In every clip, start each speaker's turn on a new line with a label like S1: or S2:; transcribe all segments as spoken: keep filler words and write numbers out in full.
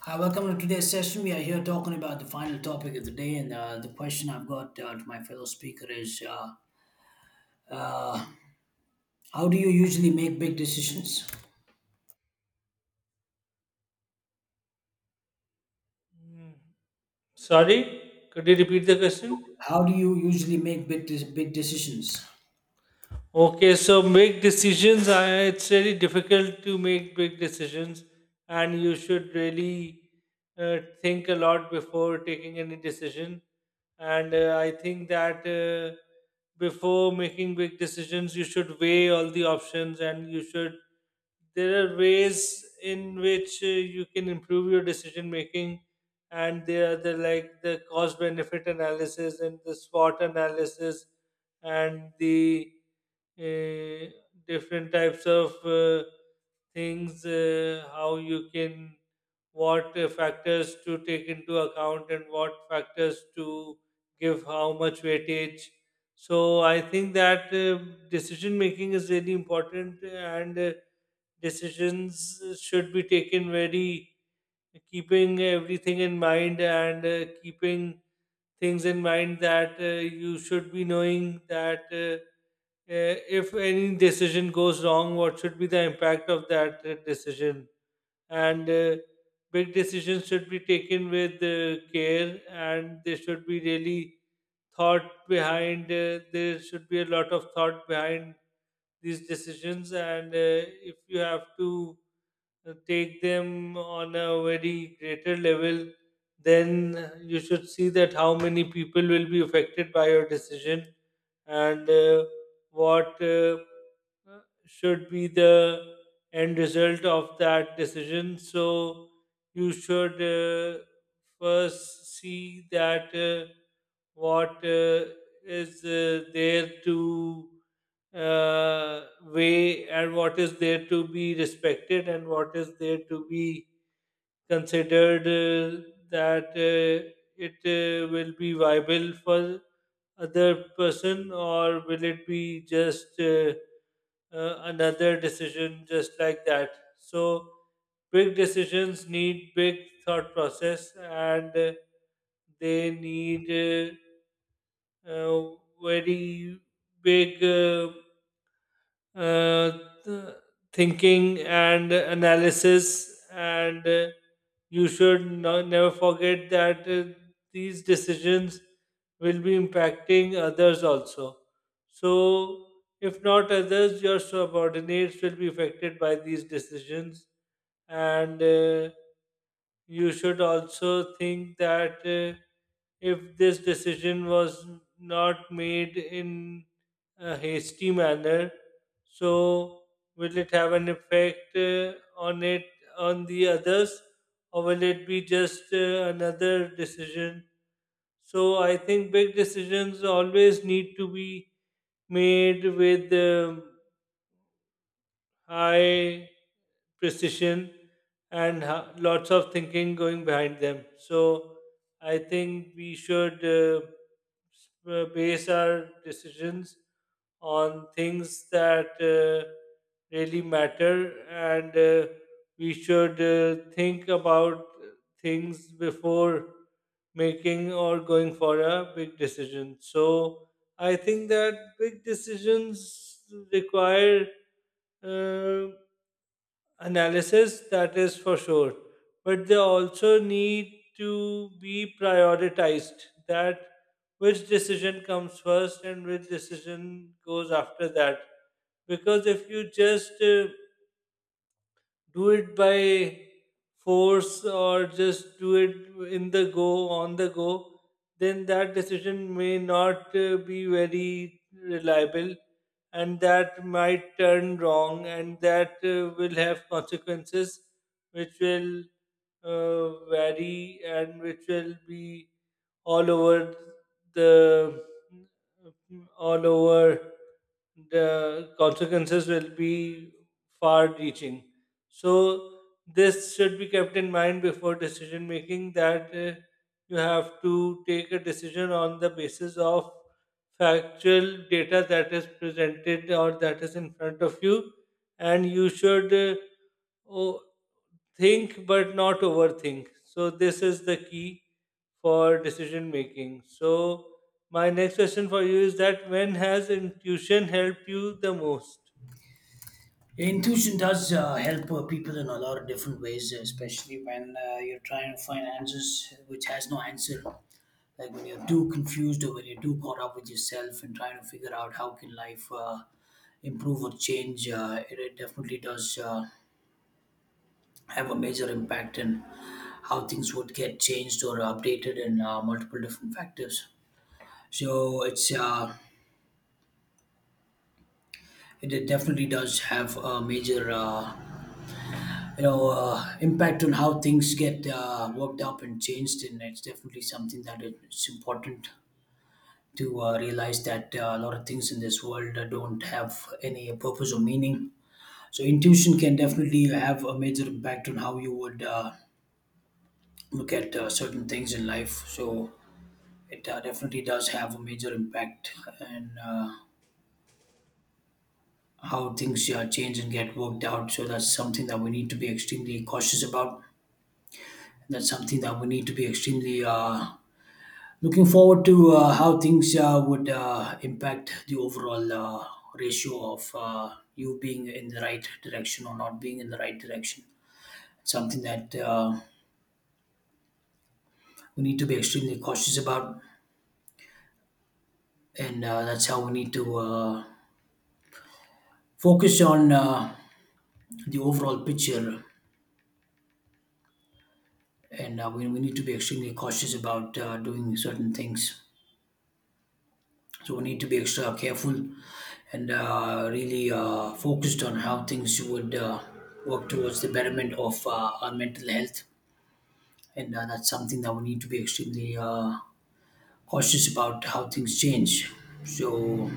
S1: Hi, welcome to today's session. We are here talking about the final topic of the day, and uh, the question I've got uh, to my fellow speaker is: uh, How do you usually make big decisions?
S2: Sorry, could you repeat the question?
S1: How do you usually make big de- big decisions?
S2: Okay, so make decisions. I- It's really difficult to make big decisions, and you should really uh, think a lot before taking any decision. And uh, I think that uh, before making big decisions, you should weigh all the options, and you should. There are ways in which uh, you can improve your decision making, and there are the like the cost benefit analysis and the SWOT analysis and the uh, different types of uh, things, uh, how you can, what uh, factors to take into account and what factors to give how much weightage. So I think that uh, decision making is really important and uh, decisions should be taken very keeping everything in mind and uh, keeping things in mind that uh, you should be knowing that uh, uh, if any decision goes wrong, what should be the impact of that uh, decision? And uh, big decisions should be taken with uh, care and they should be really thought behind. Uh, there should be a lot of thought behind these decisions. And uh, if you have to uh, take them on a very greater level, then you should see that how many people will be affected by your decision and uh, what uh, uh, should be the end result of that decision. So you should uh, first see that uh, what uh, is uh, there to uh, way and what is there to be respected and what is there to be considered uh, that uh, it uh, will be viable for other person, or will it be just uh, uh, another decision just like that. So big decisions need big thought process, and uh, they need uh, uh, very big uh, uh, th- thinking and analysis, and uh, you should no- never forget that uh, these decisions will be impacting others also. So if not others, your subordinates will be affected by these decisions. And uh, you should also think that uh, if this decision was not made in a hasty manner. So, will it have an effect uh, on it, on the others, or will it be just uh, another decision? So, I think big decisions always need to be made with um high precision and ha- lots of thinking going behind them. So I think we should uh, s- uh, base our decisions on things that uh, really matter, and uh, we should uh, think about things before making or going for a big decision. So I think that big decisions require uh, analysis, that is for sure. But they also need to be prioritized, that which decision comes first and which decision goes after that. Because if you just uh, do it by force or just do it in the go, on the go, then that decision may not uh, be very reliable, and that might turn wrong, and that uh, will have consequences which will uh, vary and which will be all over the all over the consequences will be far reaching. So this should be kept in mind before decision making, that uh, you have to take a decision on the basis of factual data that is presented or that is in front of you, and you should uh, o- think but not overthink. So this is the key for decision making. So my next question for you is that when has intuition helped you the most?
S1: Intuition does uh, help uh, people in a lot of different ways, especially when uh, you're trying to find answers which has no answer. Like when you're too confused or when you're too caught up with yourself and trying to figure out how can life uh, improve or change. Uh, it, it definitely does. Uh, have a major impact in how things would get changed or updated in uh, multiple different factors. So it's uh, it it definitely does have a major uh, you know uh, impact on how things get uh, worked up and changed, and it's definitely something that it- it's important to uh, realize that uh, a lot of things in this world uh, don't have any purpose or meaning. So intuition can definitely have a major impact on how you would uh, look at uh, certain things in life. So it uh, definitely does have a major impact and uh, how things uh, change and get worked out. So that's something that we need to be extremely cautious about. That's something that we need to be extremely uh, looking forward to uh, how things uh, would uh, impact the overall uh, ratio of uh, you being in the right direction or not being in the right direction. Something that uh, we need to be extremely cautious about, and uh, that's how we need to uh, focus on uh, the overall picture and uh, we, we need to be extremely cautious about uh, doing certain things. So we need to be extra careful and uh, really uh, focused on how things would uh, work towards the betterment of uh, our mental health. And uh, that's something that we need to be extremely uh, cautious about how things change. So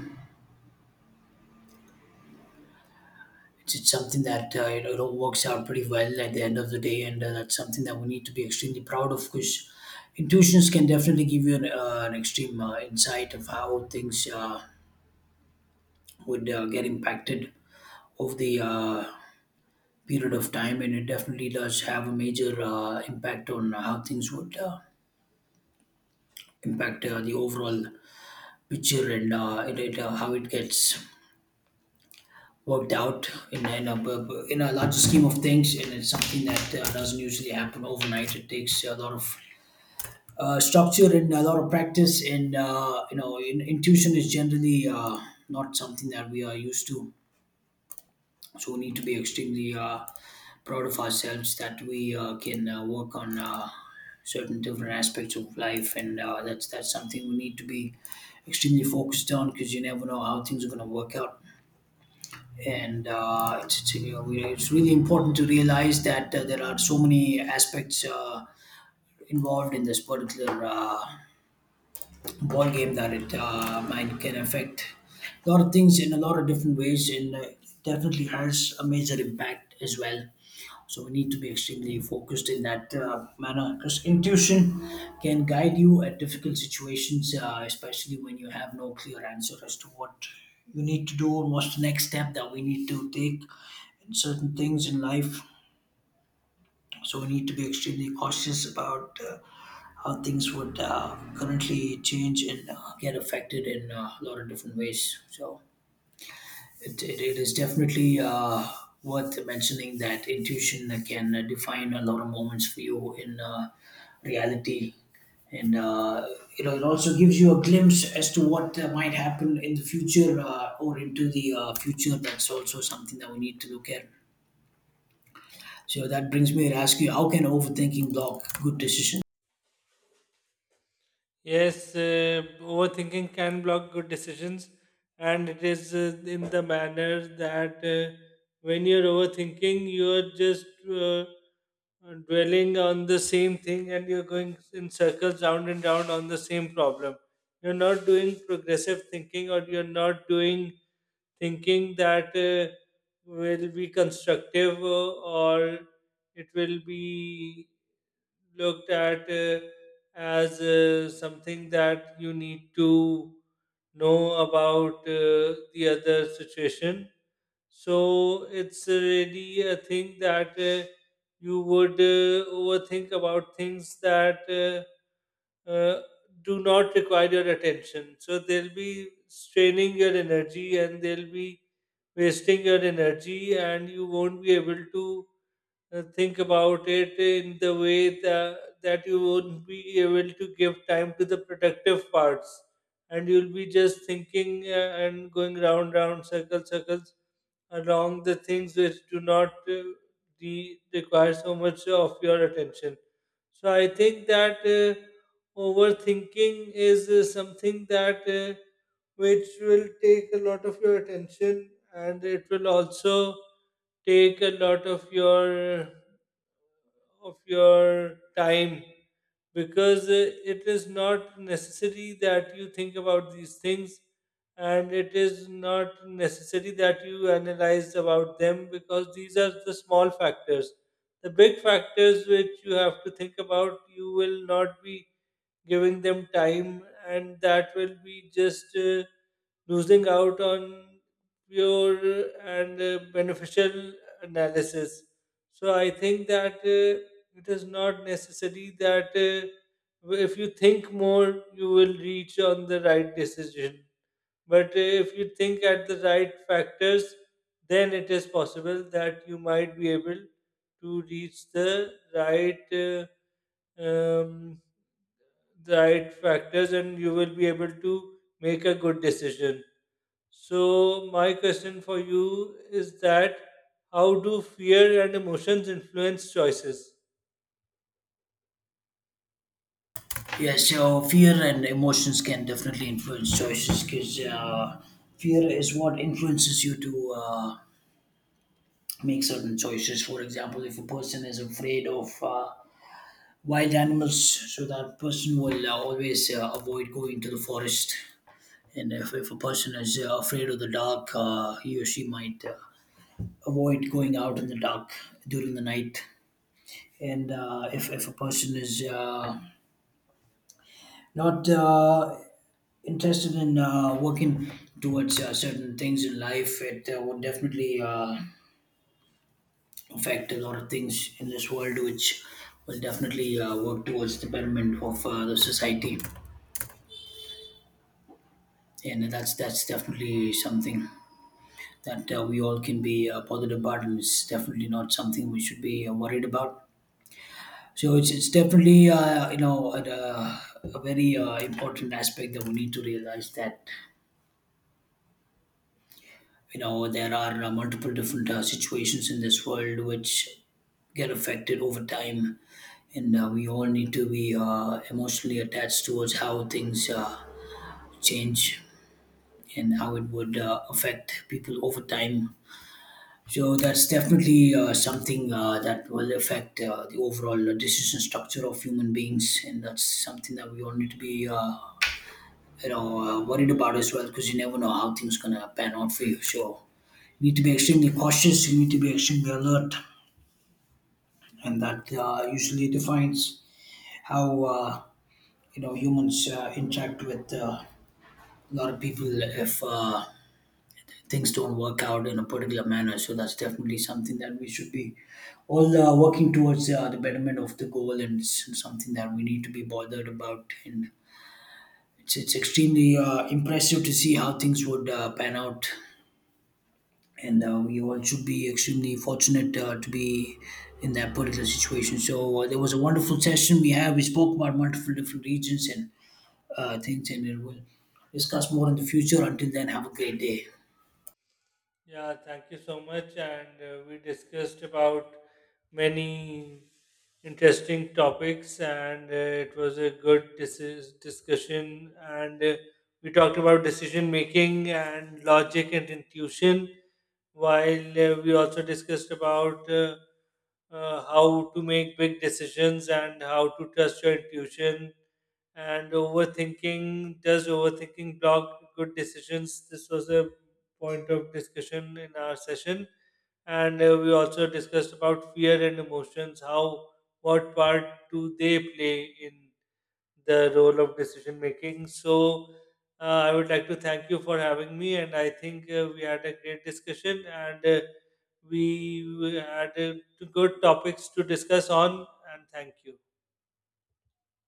S1: it's, it's something that uh, you know, it all works out pretty well at the end of the day, and uh, that's something that we need to be extremely proud of because intuitions can definitely give you an, uh, an extreme uh, insight of how things uh, would uh, get impacted over the uh, period of time, and it definitely does have a major uh, impact on how things would uh, impact uh, the overall picture and uh, it, it, uh, how it gets worked out in, in, a, in a larger scheme of things, and it's something that uh, doesn't usually happen overnight. It takes a lot of uh, structure and a lot of practice, and uh, you know in, intuition is generally uh, not something that we are used to. So we need to be extremely uh, proud of ourselves that we uh, can uh, work on uh, certain different aspects of life, and uh, that's that's something we need to be extremely focused on because you never know how things are going to work out. And uh, it's, it's, you know, we- it's really important to realize that uh, there are so many aspects uh, involved in this particular uh, ball game, that it uh, mind can affect a lot of things in a lot of different ways, and uh, it definitely has a major impact as well. So we need to be extremely focused in that uh, manner because intuition can guide you at difficult situations, uh, especially when you have no clear answer as to what you need to do and what's the next step that we need to take in certain things in life. So we need to be extremely cautious about uh, how things would uh, currently change and uh, get affected in uh, a lot of different ways. So it, it, it is definitely uh, worth mentioning that intuition can define a lot of moments for you in uh, reality. And uh, you know, it also gives you a glimpse as to what uh, might happen in the future uh, or into the uh, future. That's also something that we need to look at. So that brings me to ask you, how can overthinking block good decisions?
S2: Yes, uh, overthinking can block good decisions, and it is uh, in the manner that uh, when you're overthinking, you're just uh, dwelling on the same thing and you're going in circles round and round on the same problem. You're not doing progressive thinking, or you're not doing thinking that uh, will be constructive, uh, or it will be looked at. Uh, as uh, something that you need to know about uh, the other situation. So it's really a thing that uh, you would uh, overthink about things that uh, uh, do not require your attention. So they'll be straining your energy and they'll be wasting your energy, and you won't be able to uh, think about it in the way that, that you won't be able to give time to the productive parts, and you'll be just thinking uh, and going round round circle circles along the things which do not uh, re- require so much of your attention. So I think that uh, overthinking is uh, something that uh, which will take a lot of your attention, and it will also take a lot of your of your time, because uh, it is not necessary that you think about these things, and it is not necessary that you analyze about them, because these are the small factors. The big factors which you have to think about, you will not be giving them time, and that will be just uh, losing out on pure and uh, beneficial analysis. So I think that uh, it is not necessary that uh, if you think more, you will reach on the right decision. But uh, if you think at the right factors, then it is possible that you might be able to reach the right uh, um, the right factors, and you will be able to make a good decision. So, my question for you is that how do fear and emotions influence choices?
S1: Yeah, so fear and emotions can definitely influence choices because uh, fear is what influences you to uh, make certain choices. For example, if a person is afraid of uh, wild animals, so that person will uh, always uh, avoid going to the forest. And if, if a person is uh, afraid of the dark, uh, he or she might uh, avoid going out in the dark during the night. And uh, if, if a person is uh, not uh, interested in uh, working towards uh, certain things in life, it uh, would definitely uh, affect a lot of things in this world, which will definitely uh, work towards the betterment of uh, the society. And that's that's definitely something that uh, we all can be uh, bothered about, and it's definitely not something we should be uh, worried about. So it's, it's definitely uh, you know a, a very uh, important aspect that we need to realize that you know there are uh, multiple different uh, situations in this world which get affected over time, and uh, we all need to be uh, emotionally attached towards how things uh, change and how it would uh, affect people over time. So that's definitely uh, something uh, that will affect uh, the overall uh, decision structure of human beings, and that's something that we all need to be uh, you know uh, worried about as well, because you never know how things gonna pan out for you. So you need to be extremely cautious. You need to be extremely alert, and that uh, usually defines how uh, you know humans uh, interact with uh, a lot of people if uh, things don't work out in a particular manner. So that's definitely something that we should be all uh, working towards uh, the betterment of the goal, and it's something that we need to be bothered about. And it's it's extremely uh, impressive to see how things would uh, pan out, and uh, we all should be extremely fortunate uh, to be in that particular situation. So uh, there was a wonderful session we had. We spoke about multiple different regions and uh, things, and we'll discuss more in the future. Until then, have a great day.
S2: Yeah, thank you so much. And uh, we discussed about many interesting topics, and uh, it was a good dis- discussion. And uh, we talked about decision making and logic and intuition, while uh, we also discussed about uh, uh, how to make big decisions and how to trust your intuition, and overthinking does overthinking block good decisions, this was a point of discussion in our session. And uh, we also discussed about fear and emotions, how what part do they play in the role of decision making. So, uh, I would like to thank you for having me, and I think uh, we had a great discussion, and uh, we we had uh, good topics to discuss on. And thank you.